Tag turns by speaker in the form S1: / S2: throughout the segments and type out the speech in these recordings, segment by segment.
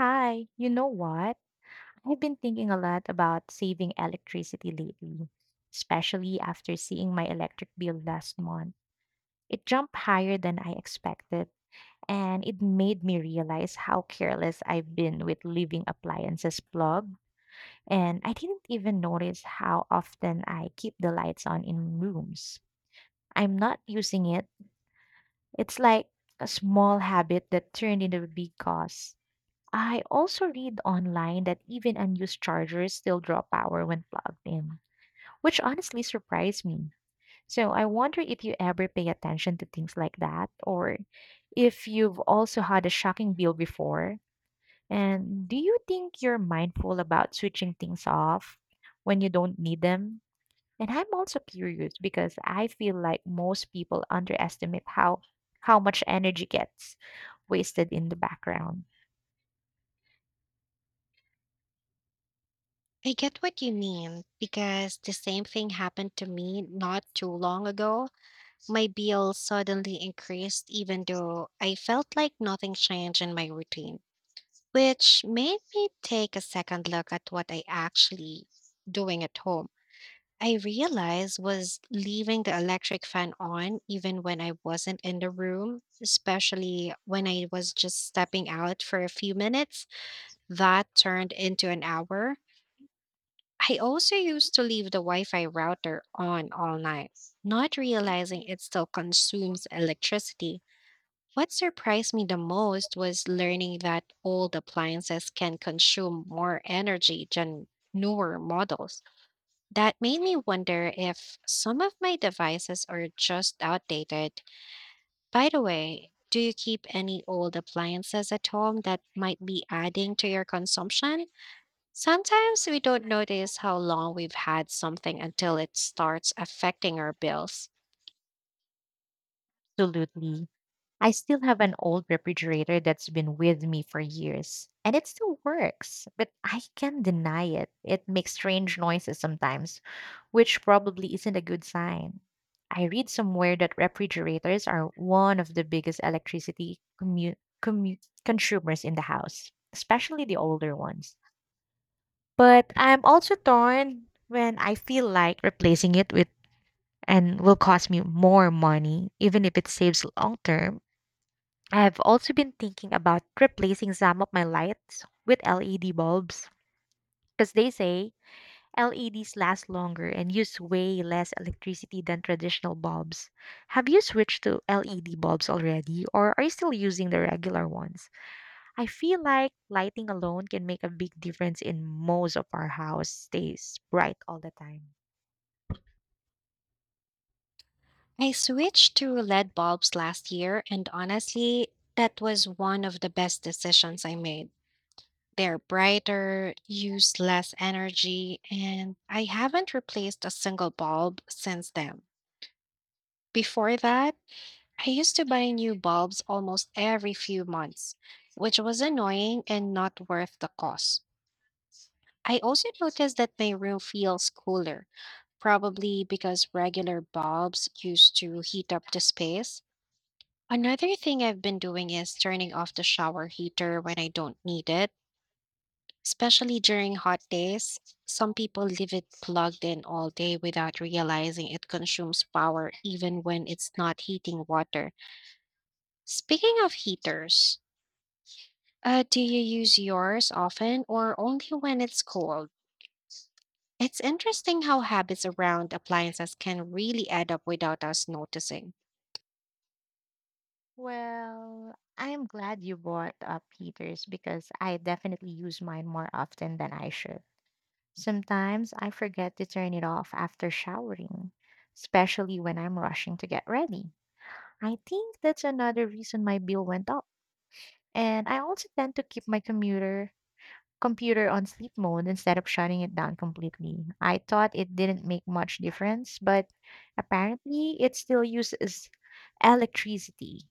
S1: Hi, you know what? I've been thinking a lot about saving electricity lately, especially after seeing my electric bill last month. It jumped higher than I expected, and it made me realize how careless I've been with leaving appliances plugged, and I didn't even notice how often I keep the lights on in rooms I'm not using it. It's like a small habit that turned into a big cause. I also read online that even unused chargers still draw power when plugged in, which honestly surprised me. So I wonder if you ever pay attention to things like that, or if you've also had a shocking bill before. And do you think you're mindful about switching things off when you don't need them? And I'm also curious because I feel like most people underestimate how much energy gets wasted in the background.
S2: I get what you mean because the same thing happened to me not too long ago. My bill suddenly increased even though I felt like nothing changed in my routine, which made me take a second look at what I actually doing at home. I realized was leaving the electric fan on even when I wasn't in the room, especially when I was just stepping out for a few minutes. That turned into an hour. I also used to leave the Wi Fi router on all night, not realizing it still consumes electricity. What surprised me the most was learning that old appliances can consume more energy than newer models. That made me wonder if some of my devices are just outdated. By the way, do you keep any old appliances at home that might be adding to your consumption? Sometimes we don't notice how long we've had something until it starts affecting our bills.
S1: Absolutely. I still have an old refrigerator that's been with me for years, and it still works, but I can not deny it. It makes strange noises sometimes, which probably isn't a good sign. I read somewhere that refrigerators are one of the biggest electricity consumers in the house, especially the older ones. But I'm also torn when I feel like replacing it with and will cost me more money, even if it saves long term. I have also been thinking about replacing some of my lights with LED bulbs because they say LEDs last longer and use way less electricity than traditional bulbs. Have you switched to LED bulbs already, or are you still using the regular ones? I feel like lighting alone can make a big difference in most of our house stays bright all the time.
S2: I switched to LED bulbs last year, and honestly, that was one of the best decisions I made. They're brighter, use less energy, and I haven't replaced a single bulb since then. Before that, I used to buy new bulbs almost every few months, which was annoying and not worth the cost. I also noticed that my room feels cooler probably because regular bulbs used to heat up the space. Another thing I've been doing is turning off the shower heater when I don't need it, especially during hot days. Some people leave it plugged in all day without realizing it consumes power even when it's not heating water. Speaking of heaters, do you use yours often or only when it's cold? It's interesting how habits around appliances can really add up without us noticing.
S1: Well, I'm glad you brought up heaters because I definitely use mine more often than I should. Sometimes I forget to turn it off after showering, especially when I'm rushing to get ready. I think that's another reason my bill went up. And I also tend to keep my commuter computer on sleep mode instead of shutting it down completely. I thought it didn't make much difference, but apparently it still uses electricity.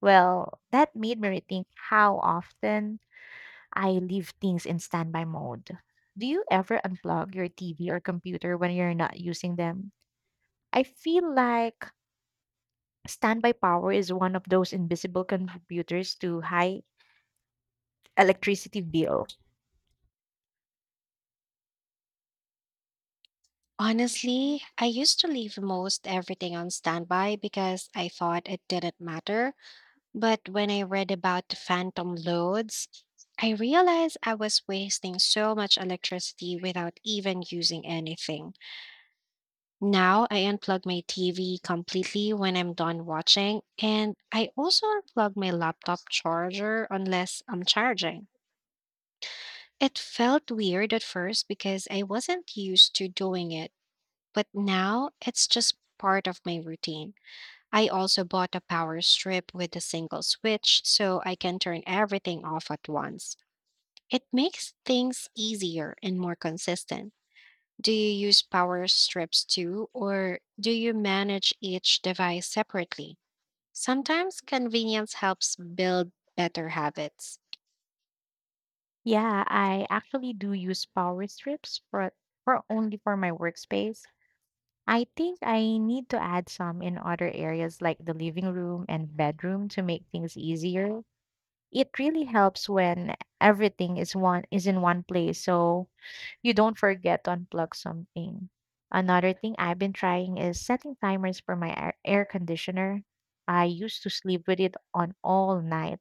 S1: Well, that made me rethink how often I leave things in standby mode. Do you ever unplug your TV or computer when you're not using them? I feel like standby power is one of those invisible contributors to high electricity bill.
S2: Honestly, I used to leave most everything on standby because I thought it didn't matter. But when I read about the phantom loads, I realized I was wasting so much electricity without even using anything. Now I unplug my TV completely when I'm done watching, and I also unplug my laptop charger unless I'm charging. It felt weird at first because I wasn't used to doing it, but now it's just part of my routine. I also bought a power strip with a single switch so I can turn everything off at once. It makes things easier and more consistent. Do you use power strips too, or do you manage each device separately? Sometimes convenience helps build better habits.
S1: Yeah, I actually do use power strips for only for my workspace. I think I need to add some in other areas like the living room and bedroom to make things easier. It really helps when everything is one is in one place, so you don't forget to unplug something. Another thing I've been trying is setting timers for my air conditioner. I used to sleep with it on all night,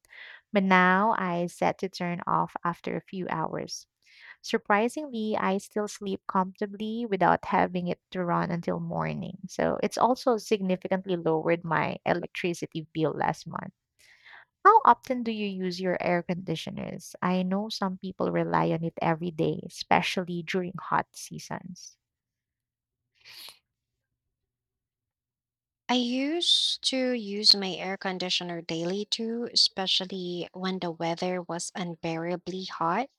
S1: but now I set to turn off after a few hours. Surprisingly, I still sleep comfortably without having it to run until morning. So it's also significantly lowered my electricity bill last month. How often do you use your air conditioners? I know some people rely on it every day, especially during hot seasons.
S2: I used to use my air conditioner daily too, especially when the weather was unbearably hot.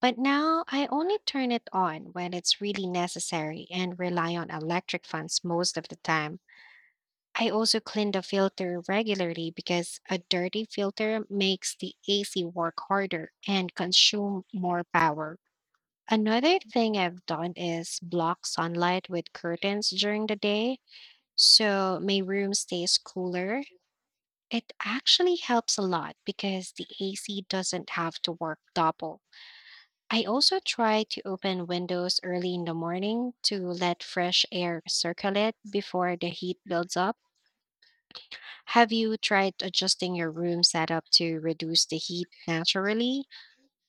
S2: But now I only turn it on when it's really necessary and rely on electric fans most of the time. I also clean the filter regularly because a dirty filter makes the AC work harder and consume more power. Another thing I've done is block sunlight with curtains during the day so my room stays cooler. It actually helps a lot because the AC doesn't have to work double. I also try to open windows early in the morning to let fresh air circulate before the heat builds up. Have you tried adjusting your room setup to reduce the heat naturally?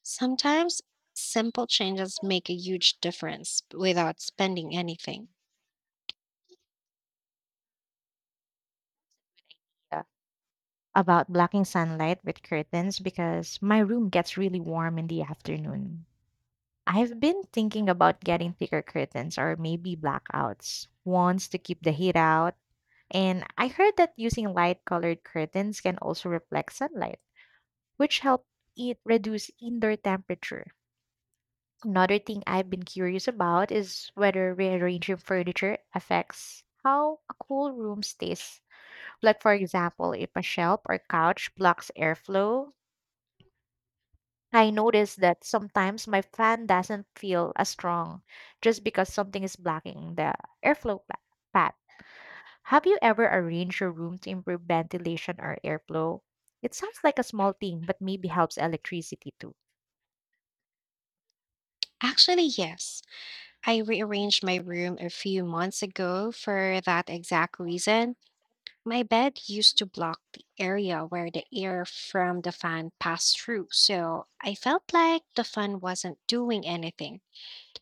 S2: Sometimes simple changes make a huge difference without spending anything.
S1: Yeah. About blocking sunlight with curtains because my room gets really warm in the afternoon. I've been thinking about getting thicker curtains, or maybe blackouts, ones to keep the heat out. And I heard that using light colored curtains can also reflect sunlight, which help it reduce indoor temperature. Another thing I've been curious about is whether rearranging furniture affects how a cool room stays. Like, for example, if a shelf or couch blocks airflow, I notice that sometimes my fan doesn't feel as strong just because something is blocking the airflow path. Have you ever arranged your room to improve ventilation or airflow? It sounds like a small thing, but maybe helps electricity too.
S2: Actually, yes. I rearranged my room a few months ago for that exact reason. My bed used to block the area where the air from the fan passed through, so I felt like the fan wasn't doing anything.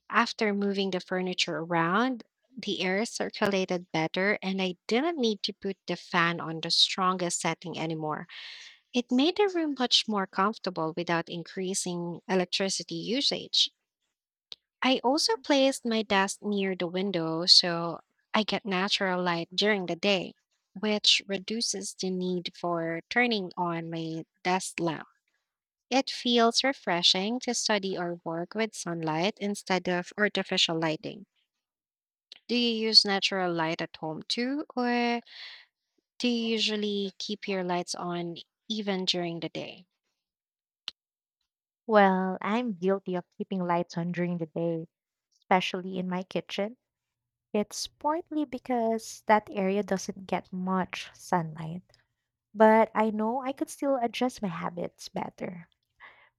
S2: After moving the furniture around, the air circulated better, and I didn't need to put the fan on the strongest setting anymore. It made the room much more comfortable without increasing electricity usage. I also placed my desk near the window so I get natural light during the day, which reduces the need for turning on my desk lamp. It feels refreshing to study or work with sunlight instead of artificial lighting. Do you use natural light at home too, or do you usually keep your lights on even during the day?
S1: Well, I'm guilty of keeping lights on during the day, especially in my kitchen. It's partly because that area doesn't get much sunlight, but I know I could still adjust my habits better.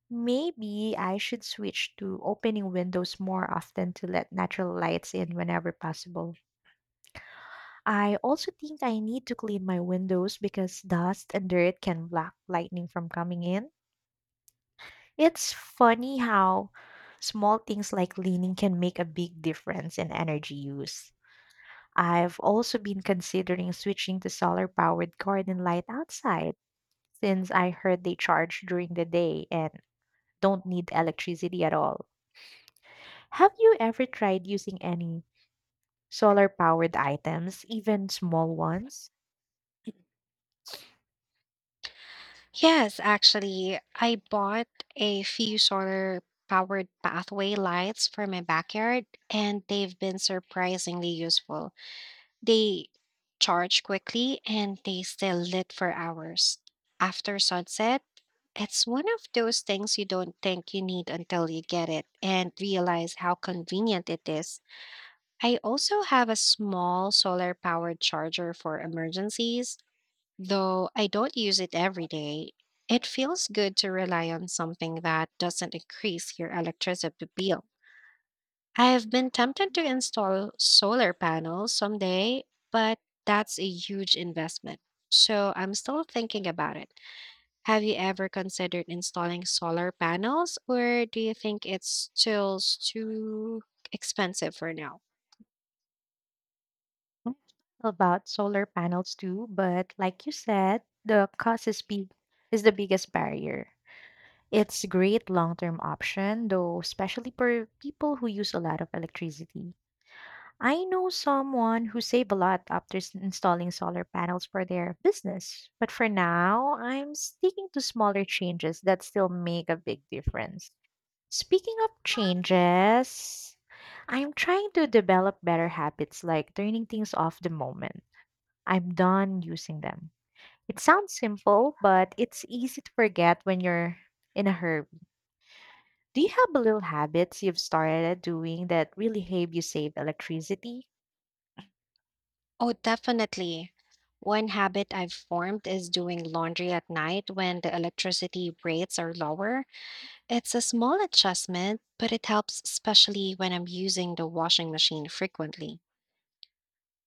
S1: Maybe I should switch to opening windows more often to let natural lights in whenever possible. I also think I need to clean my windows because dust and dirt can block lightning from coming in. It's funny how small things like leaning can make a big difference in energy use. I've also been considering switching to solar powered garden light outside since I heard they charge during the day and don't need electricity at all. Have you ever tried using any solar powered items, even small ones?
S2: Yes, actually, I bought a few solar powered pathway lights for my backyard, and they've been surprisingly useful. They charge quickly and they stay lit for hours. After sunset, it's one of those things you don't think you need until you get it and realize how convenient it is. I also have a small solar powered charger for emergencies. Though I don't use it every day, it feels good to rely on something that doesn't increase your electricity bill. I've been tempted to install solar panels someday, but that's a huge investment. So I'm still thinking about it. Have you ever considered installing solar panels, or do you think it's still too expensive for now?
S1: I've thought about solar panels too, but like you said, the cost is big is the biggest barrier. It's a great long-term option though, especially for people who use a lot of electricity. I know someone who saved a lot after installing solar panels for their business, but for now, I'm sticking to smaller changes that still make a big difference. Speaking of changes, I'm trying to develop better habits like turning things off the moment I'm done using them. It sounds simple, but it's easy to forget when you're in a hurry. Do you have little habits you've started doing that really help you save electricity?
S2: Oh, definitely. One habit I've formed is doing laundry at night when the electricity rates are lower. It's a small adjustment, but it helps, especially when I'm using the washing machine frequently.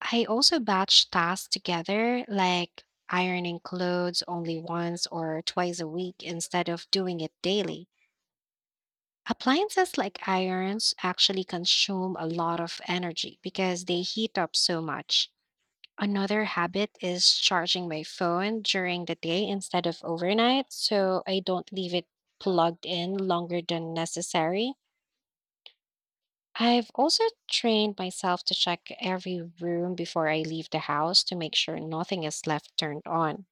S2: I also batch tasks together, like ironing clothes only once or twice a week instead of doing it daily. Appliances like irons actually consume a lot of energy because they heat up so much. Another habit is charging my phone during the day instead of overnight, so I don't leave it plugged in longer than necessary. I've also trained myself to check every room before I leave the house to make sure nothing is left turned on.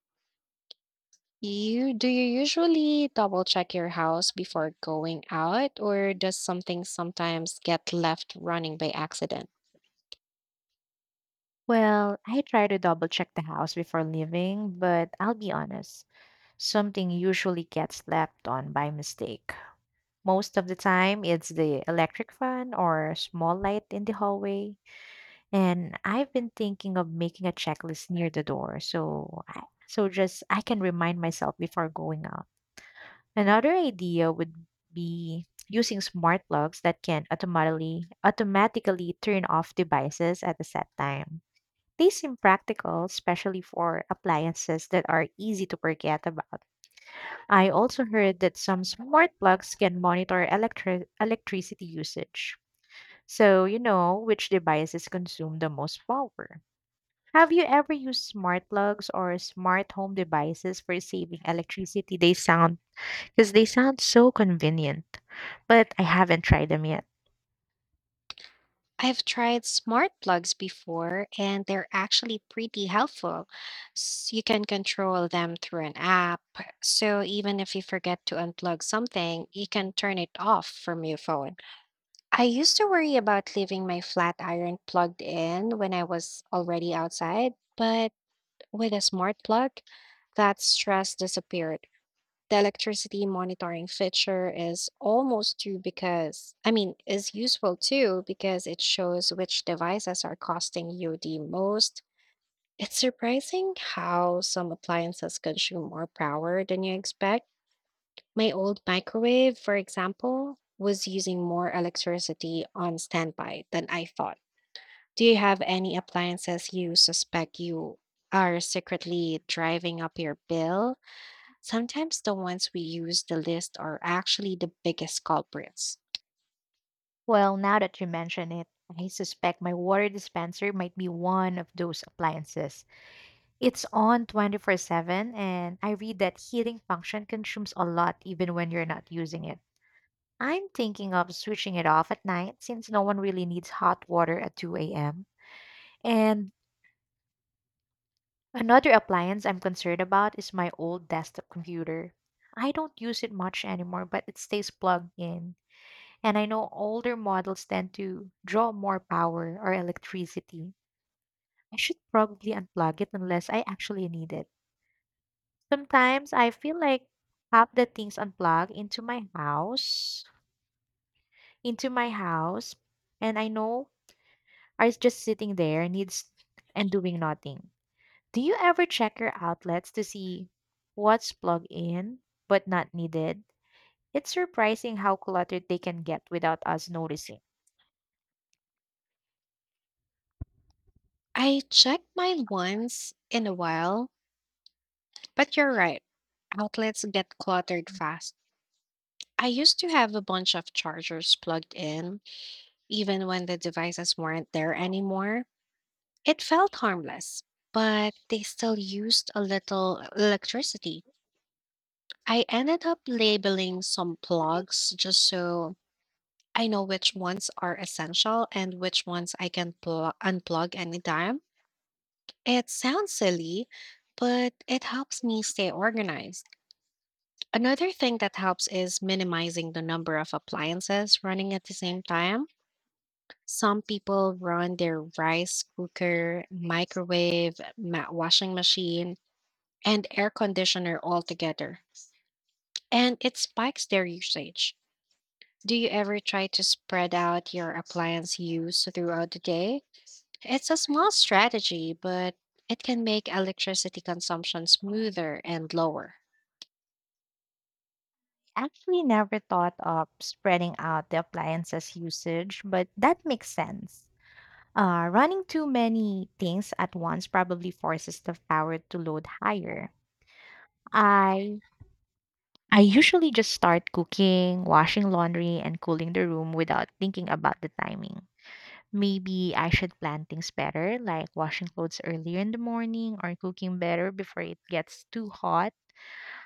S2: You do you usually double check your house before going out, or does something sometimes get left running by accident?
S1: Well, I try to double check the house before leaving, but I'll be honest, something usually gets left on by mistake. Most of the time, it's the electric fan or small light in the hallway. And I've been thinking of making a checklist near the door, so just I can remind myself before going out. Another idea would be using smart plugs that can automatically turn off devices at a set time. They seem practical, especially for appliances that are easy to forget about. I also heard that some smart plugs can monitor electricity usage, so you know which devices consume the most power. Have you ever used smart plugs or smart home devices for saving electricity? They sound so convenient, but I haven't tried them yet.
S2: I've tried smart plugs before, and they're actually pretty helpful. You can control them through an app. So even if you forget to unplug something, you can turn it off from your phone. I used to worry about leaving my flat iron plugged in when I was already outside, but with a smart plug, that stress disappeared. The electricity monitoring feature is almost too because, I mean, is useful too because it shows which devices are costing you the most. It's surprising how some appliances consume more power than you expect. My old microwave, for example, was using more electricity on standby than I thought. Do you have any appliances you suspect you are secretly driving up your bill? Sometimes the ones we use the list are actually the biggest culprits.
S1: Well, now that you mention it, I suspect my water dispenser might be one of those appliances. It's on 24/7, and I read that heating function consumes a lot even when you're not using it. I'm thinking of switching it off at night since no one really needs hot water at 2 a.m. And another appliance I'm concerned about is my old desktop computer. I don't use it much anymore, but it stays plugged in. And I know older models tend to draw more power or electricity. I should probably unplug it unless I actually need it. Sometimes I feel like half the things unplugged into my house, and I know, are just sitting there, needs and doing nothing. Do you ever check your outlets to see what's plugged in but not needed? It's surprising how cluttered they can get without us noticing.
S2: I checked mine once in a while, but you're right. Outlets get cluttered fast. I used to have a bunch of chargers plugged in, even when the devices weren't there anymore. It felt harmless, but they still used a little electricity. I ended up labeling some plugs just so I know which ones are essential and which ones I can unplug anytime. It sounds silly, but it helps me stay organized. Another thing that helps is minimizing the number of appliances running at the same time. Some people run their rice cooker, microwave, washing machine, and air conditioner all together, and it spikes their usage. Do you ever try to spread out your appliance use throughout the day? It's a small strategy, but it can make electricity consumption smoother and lower.
S1: Actually, never thought of spreading out the appliances usage, but that makes sense. Running too many things at once probably forces the power to load higher. I I usually just start cooking, washing laundry, and cooling the room without thinking about the timing. Maybe I should plan things better, like washing clothes earlier in the morning or cooking better before it gets too hot.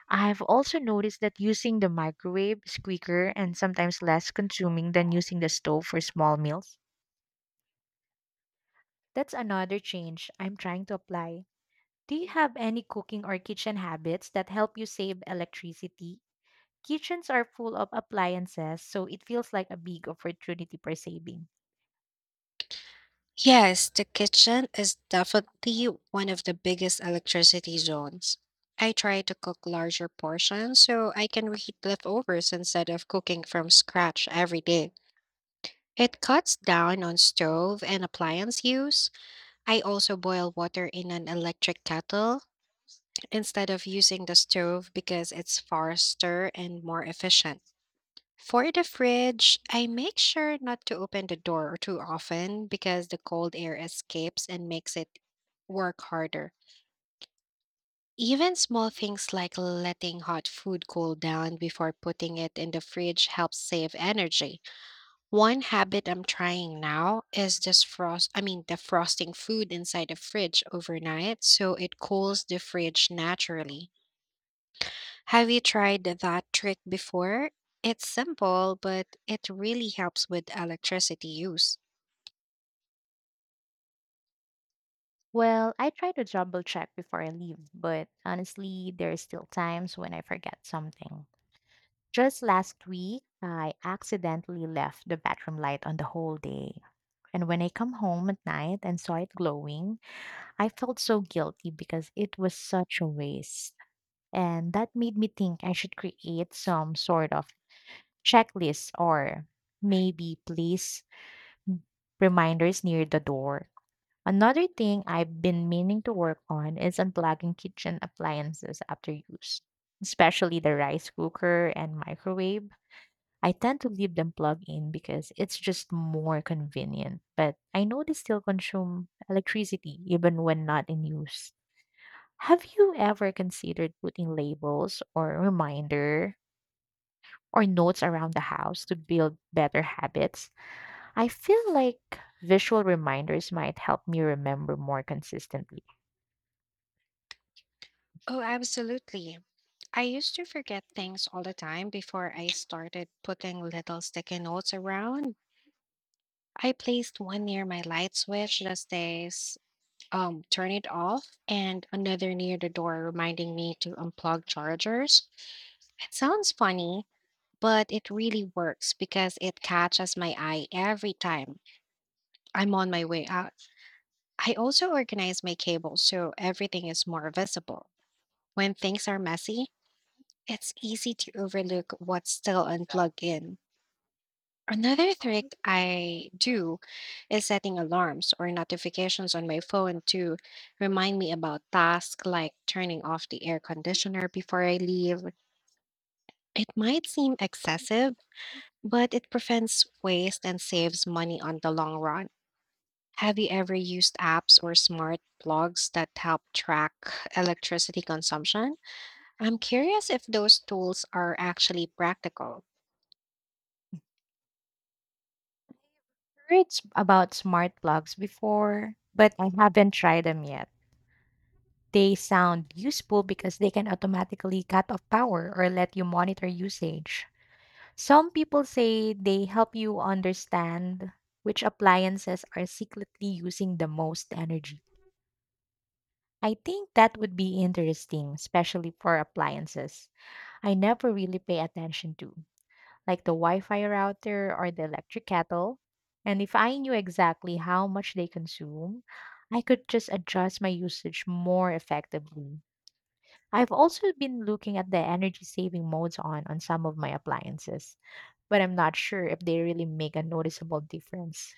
S1: I've also noticed that using the microwave is quicker and sometimes less consuming than using the stove for small meals. That's another change I'm trying to apply. Do you have any cooking or kitchen habits that help you save electricity? Kitchens are full of appliances, so it feels like a big opportunity for saving.
S2: Yes, the kitchen is definitely one of the biggest electricity zones. I try to cook larger portions so I can reheat leftovers instead of cooking from scratch every day. It cuts down on stove and appliance use. I also boil water in an electric kettle instead of using the stove because it's faster and more efficient. For the fridge, I make sure not to open the door too often because the cold air escapes and makes it work harder. Even small things like letting hot food cool down before putting it in the fridge helps save energy. One habit I'm trying now is just frost I mean defrosting food inside the fridge overnight so it cools the fridge naturally. Have you tried that trick before? It's simple, but it really helps with electricity use.
S1: Well, I try to double check before I leave, but honestly, there are still times when I forget something. Just last week, I accidentally left the bathroom light on the whole day. And when I come home at night and saw it glowing, I felt so guilty because it was such a waste. And that made me think I should create some sort of checklist, or maybe place reminders near the door. Another thing I've been meaning to work on is unplugging kitchen appliances after use, especially the rice cooker and microwave. I tend to leave them plugged in because it's just more convenient, but I know they still consume electricity even when not in use. Have you ever considered putting labels or reminder or notes around the house to build better habits? I feel like visual reminders might help me remember more consistently.
S2: Oh, absolutely. I used to forget things all the time before I started putting little sticky notes around. I placed one near my light switch that says, turn it off, and another near the door reminding me to unplug chargers. It sounds funny, but it really works because it catches my eye every time I'm on my way out. I also organize my cables so everything is more visible. When things are messy, it's easy to overlook what's still unplugged in. Another trick I do is setting alarms or notifications on my phone to remind me about tasks like turning off the air conditioner before I leave. It might seem excessive, but it prevents waste and saves money on the long run. Have you ever used apps or smart plugs that help track electricity consumption? I'm curious if those tools are actually practical.
S1: Heard about smart plugs before, but I haven't tried them yet. They sound useful because they can automatically cut off power or let you monitor usage. Some people say they help you understand which appliances are secretly using the most energy. I think that would be interesting, especially for appliances I never really pay attention to, like the Wi Fi router or the electric kettle. And if I knew exactly how much they consume, I could just adjust my usage more effectively. I've also been looking at the energy saving modes on some of my appliances, but I'm not sure if they really make a noticeable difference.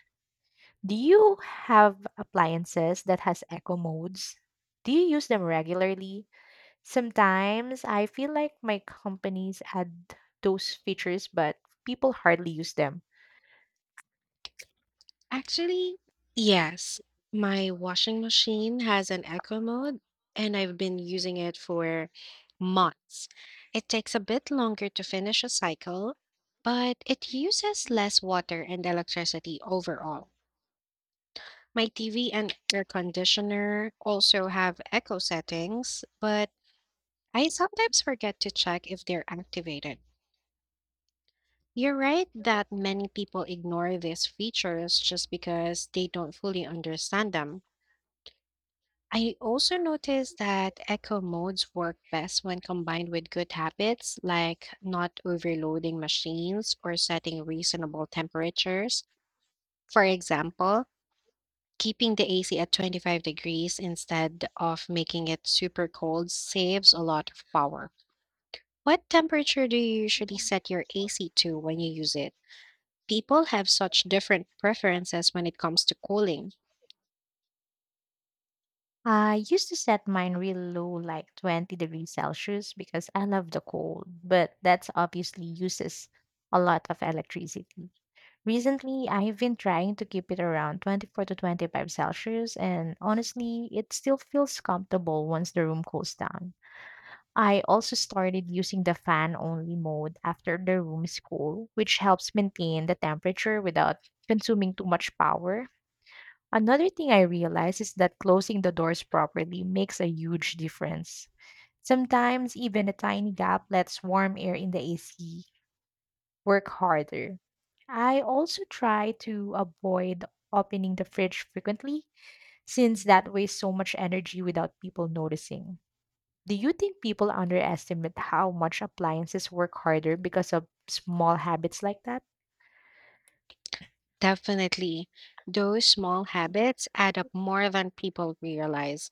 S1: Do you have appliances that has eco modes? Do you use them regularly? Sometimes I feel like my companies add those features, but people hardly use them.
S2: Actually, yes. My washing machine has an eco mode, and I've been using it for months. It takes a bit longer to finish a cycle, but it uses less water and electricity overall. My TV and air conditioner also have eco settings, but I sometimes forget to check if they're activated. You're right that many people ignore these features just because they don't fully understand them. I also noticed that eco modes work best when combined with good habits like not overloading machines or setting reasonable temperatures. For example, keeping the AC at 25 degrees instead of making it super cold saves a lot of power. What temperature do you usually set your AC to when you use it? People have such different preferences when it comes to cooling.
S1: I used to set mine real low, like 20 degrees Celsius, because I love the cold, but that's obviously uses a lot of electricity. Recently, I've been trying to keep it around 24 to 25 Celsius, and honestly, it still feels comfortable once the room cools down. I also started using the fan only mode after the room is cool, which helps maintain the temperature without consuming too much power. Another thing I realized is that closing the doors properly makes a huge difference. Sometimes even a tiny gap lets warm air in the AC work harder. I also try to avoid opening the fridge frequently since that wastes so much energy without people noticing. Do you think people underestimate how much appliances work harder because of small habits like that?
S2: Definitely, those small habits add up more than people realize.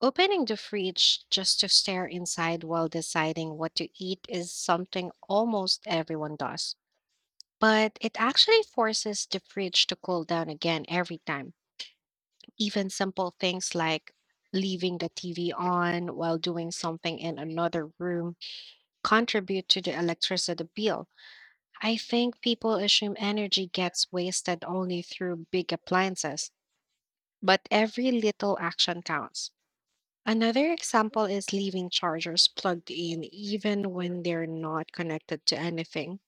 S2: Opening the fridge just to stare inside while deciding what to eat is something almost everyone does. But it actually forces the fridge to cool down again every time. Even simple things like leaving the TV on while doing something in another room contribute to the electricity bill. I think people assume energy gets wasted only through big appliances, but every little action counts. Another example is leaving chargers plugged in even when they're not connected to anything.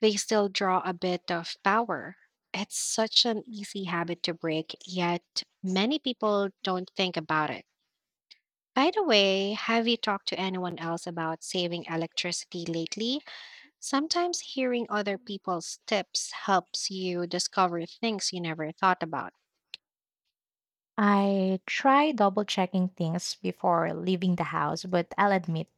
S2: They still draw a bit of power. It's such an easy habit to break, yet many people don't think about it. By the way, have you talked to anyone else about saving electricity lately? Sometimes hearing other people's tips helps you discover things you never thought about.
S1: I try double checking things before leaving the house, but I'll admit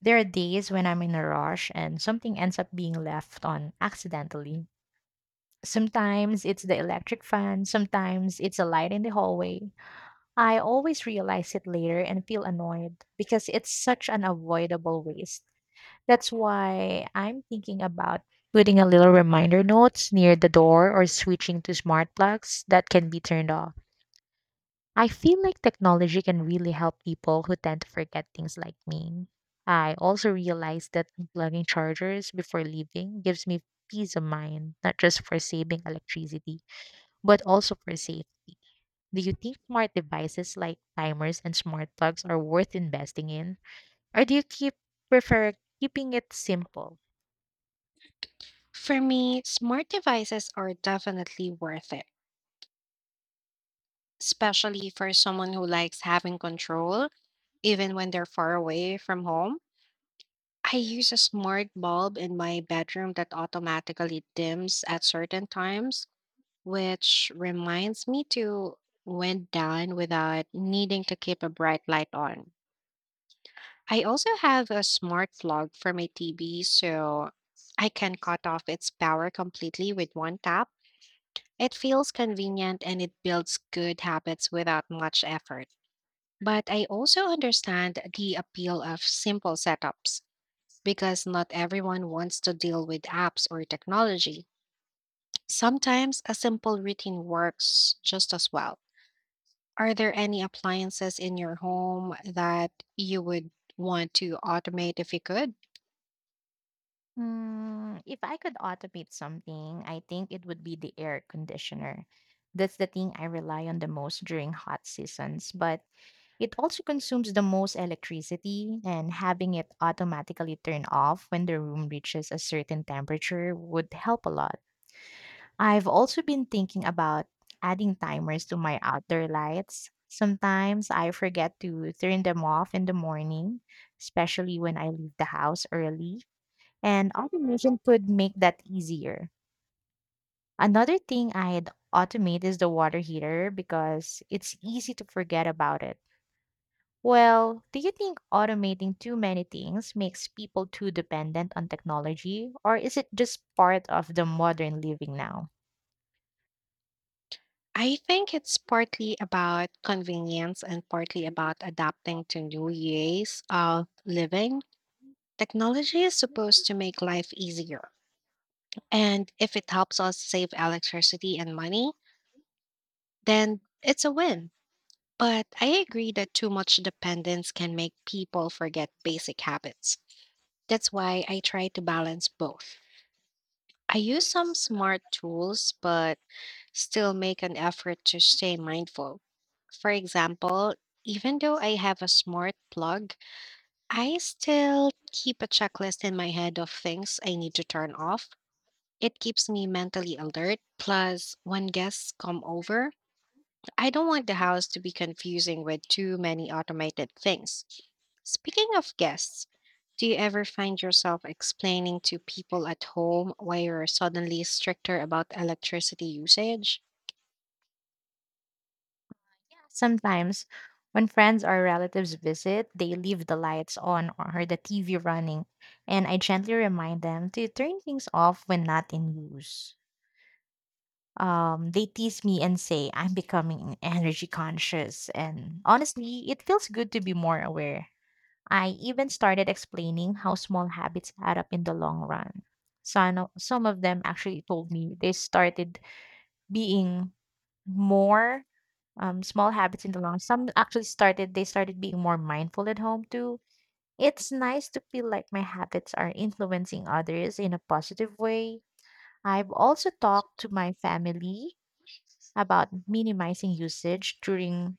S1: there are days when I'm in a rush and something ends up being left on accidentally. Sometimes it's the electric fan, sometimes it's a light in the hallway. I always realize it later and feel annoyed because it's such an avoidable waste. That's why I'm thinking about putting a little reminder notes near the door or switching to smart plugs that can be turned off. I feel like technology can really help people who tend to forget things like me. I also realized that unplugging chargers before leaving gives me peace of mind, not just for saving electricity, but also for safety. Do you think smart devices like timers and smart plugs are worth investing in? Or do you keep prefer keeping it simple?
S2: For me, smart devices are definitely worth it, especially for someone who likes having control, even when they're far away from home. I use a smart bulb in my bedroom that automatically dims at certain times, which reminds me to wind down without needing to keep a bright light on. I also have a smart plug for my TV, so I can cut off its power completely with one tap. It feels convenient and it builds good habits without much effort. But I also understand the appeal of simple setups because not everyone wants to deal with apps or technology. Sometimes a simple routine works just as well. Are there any appliances in your home that you would want to automate if you could?
S1: If I could automate something, I think it would be the air conditioner. That's the thing I rely on the most during hot seasons, but it also consumes the most electricity, and having it automatically turn off when the room reaches a certain temperature would help a lot. I've also been thinking about adding timers to my outdoor lights. Sometimes I forget to turn them off in the morning, especially when I leave the house early, and automation could make that easier. Another thing I'd automate is the water heater because it's easy to forget about it. Well, do you think automating too many things makes people too dependent on technology, or is it just part of the modern living now?
S2: I think it's partly about convenience and partly about adapting to new ways of living. Technology is supposed to make life easier. And if it helps us save electricity and money, then it's a win. But I agree that too much dependence can make people forget basic habits. That's why I try to balance both. I use some smart tools, but still make an effort to stay mindful. For example, even though I have a smart plug, I still keep a checklist in my head of things I need to turn off. It keeps me mentally alert. Plus, when guests come over, I don't want the house to be confusing with too many automated things. Speaking of guests, do you ever find yourself explaining to people at home why you're suddenly stricter about electricity usage?
S1: Sometimes, when friends or relatives visit, they leave the lights on or the TV running, and I gently remind them to turn things off when not in use. They tease me and say I'm becoming energy conscious. And honestly, it feels good to be more aware. I even started explaining how small habits add up in the long run. So I know some of them actually told me they started being more, small habits in the long. Some actually started, they started being more mindful at home too. It's nice to feel like my habits are influencing others in a positive way. I've also talked to my family about
S2: We
S1: minimizing
S2: need to
S1: usage
S2: send
S1: during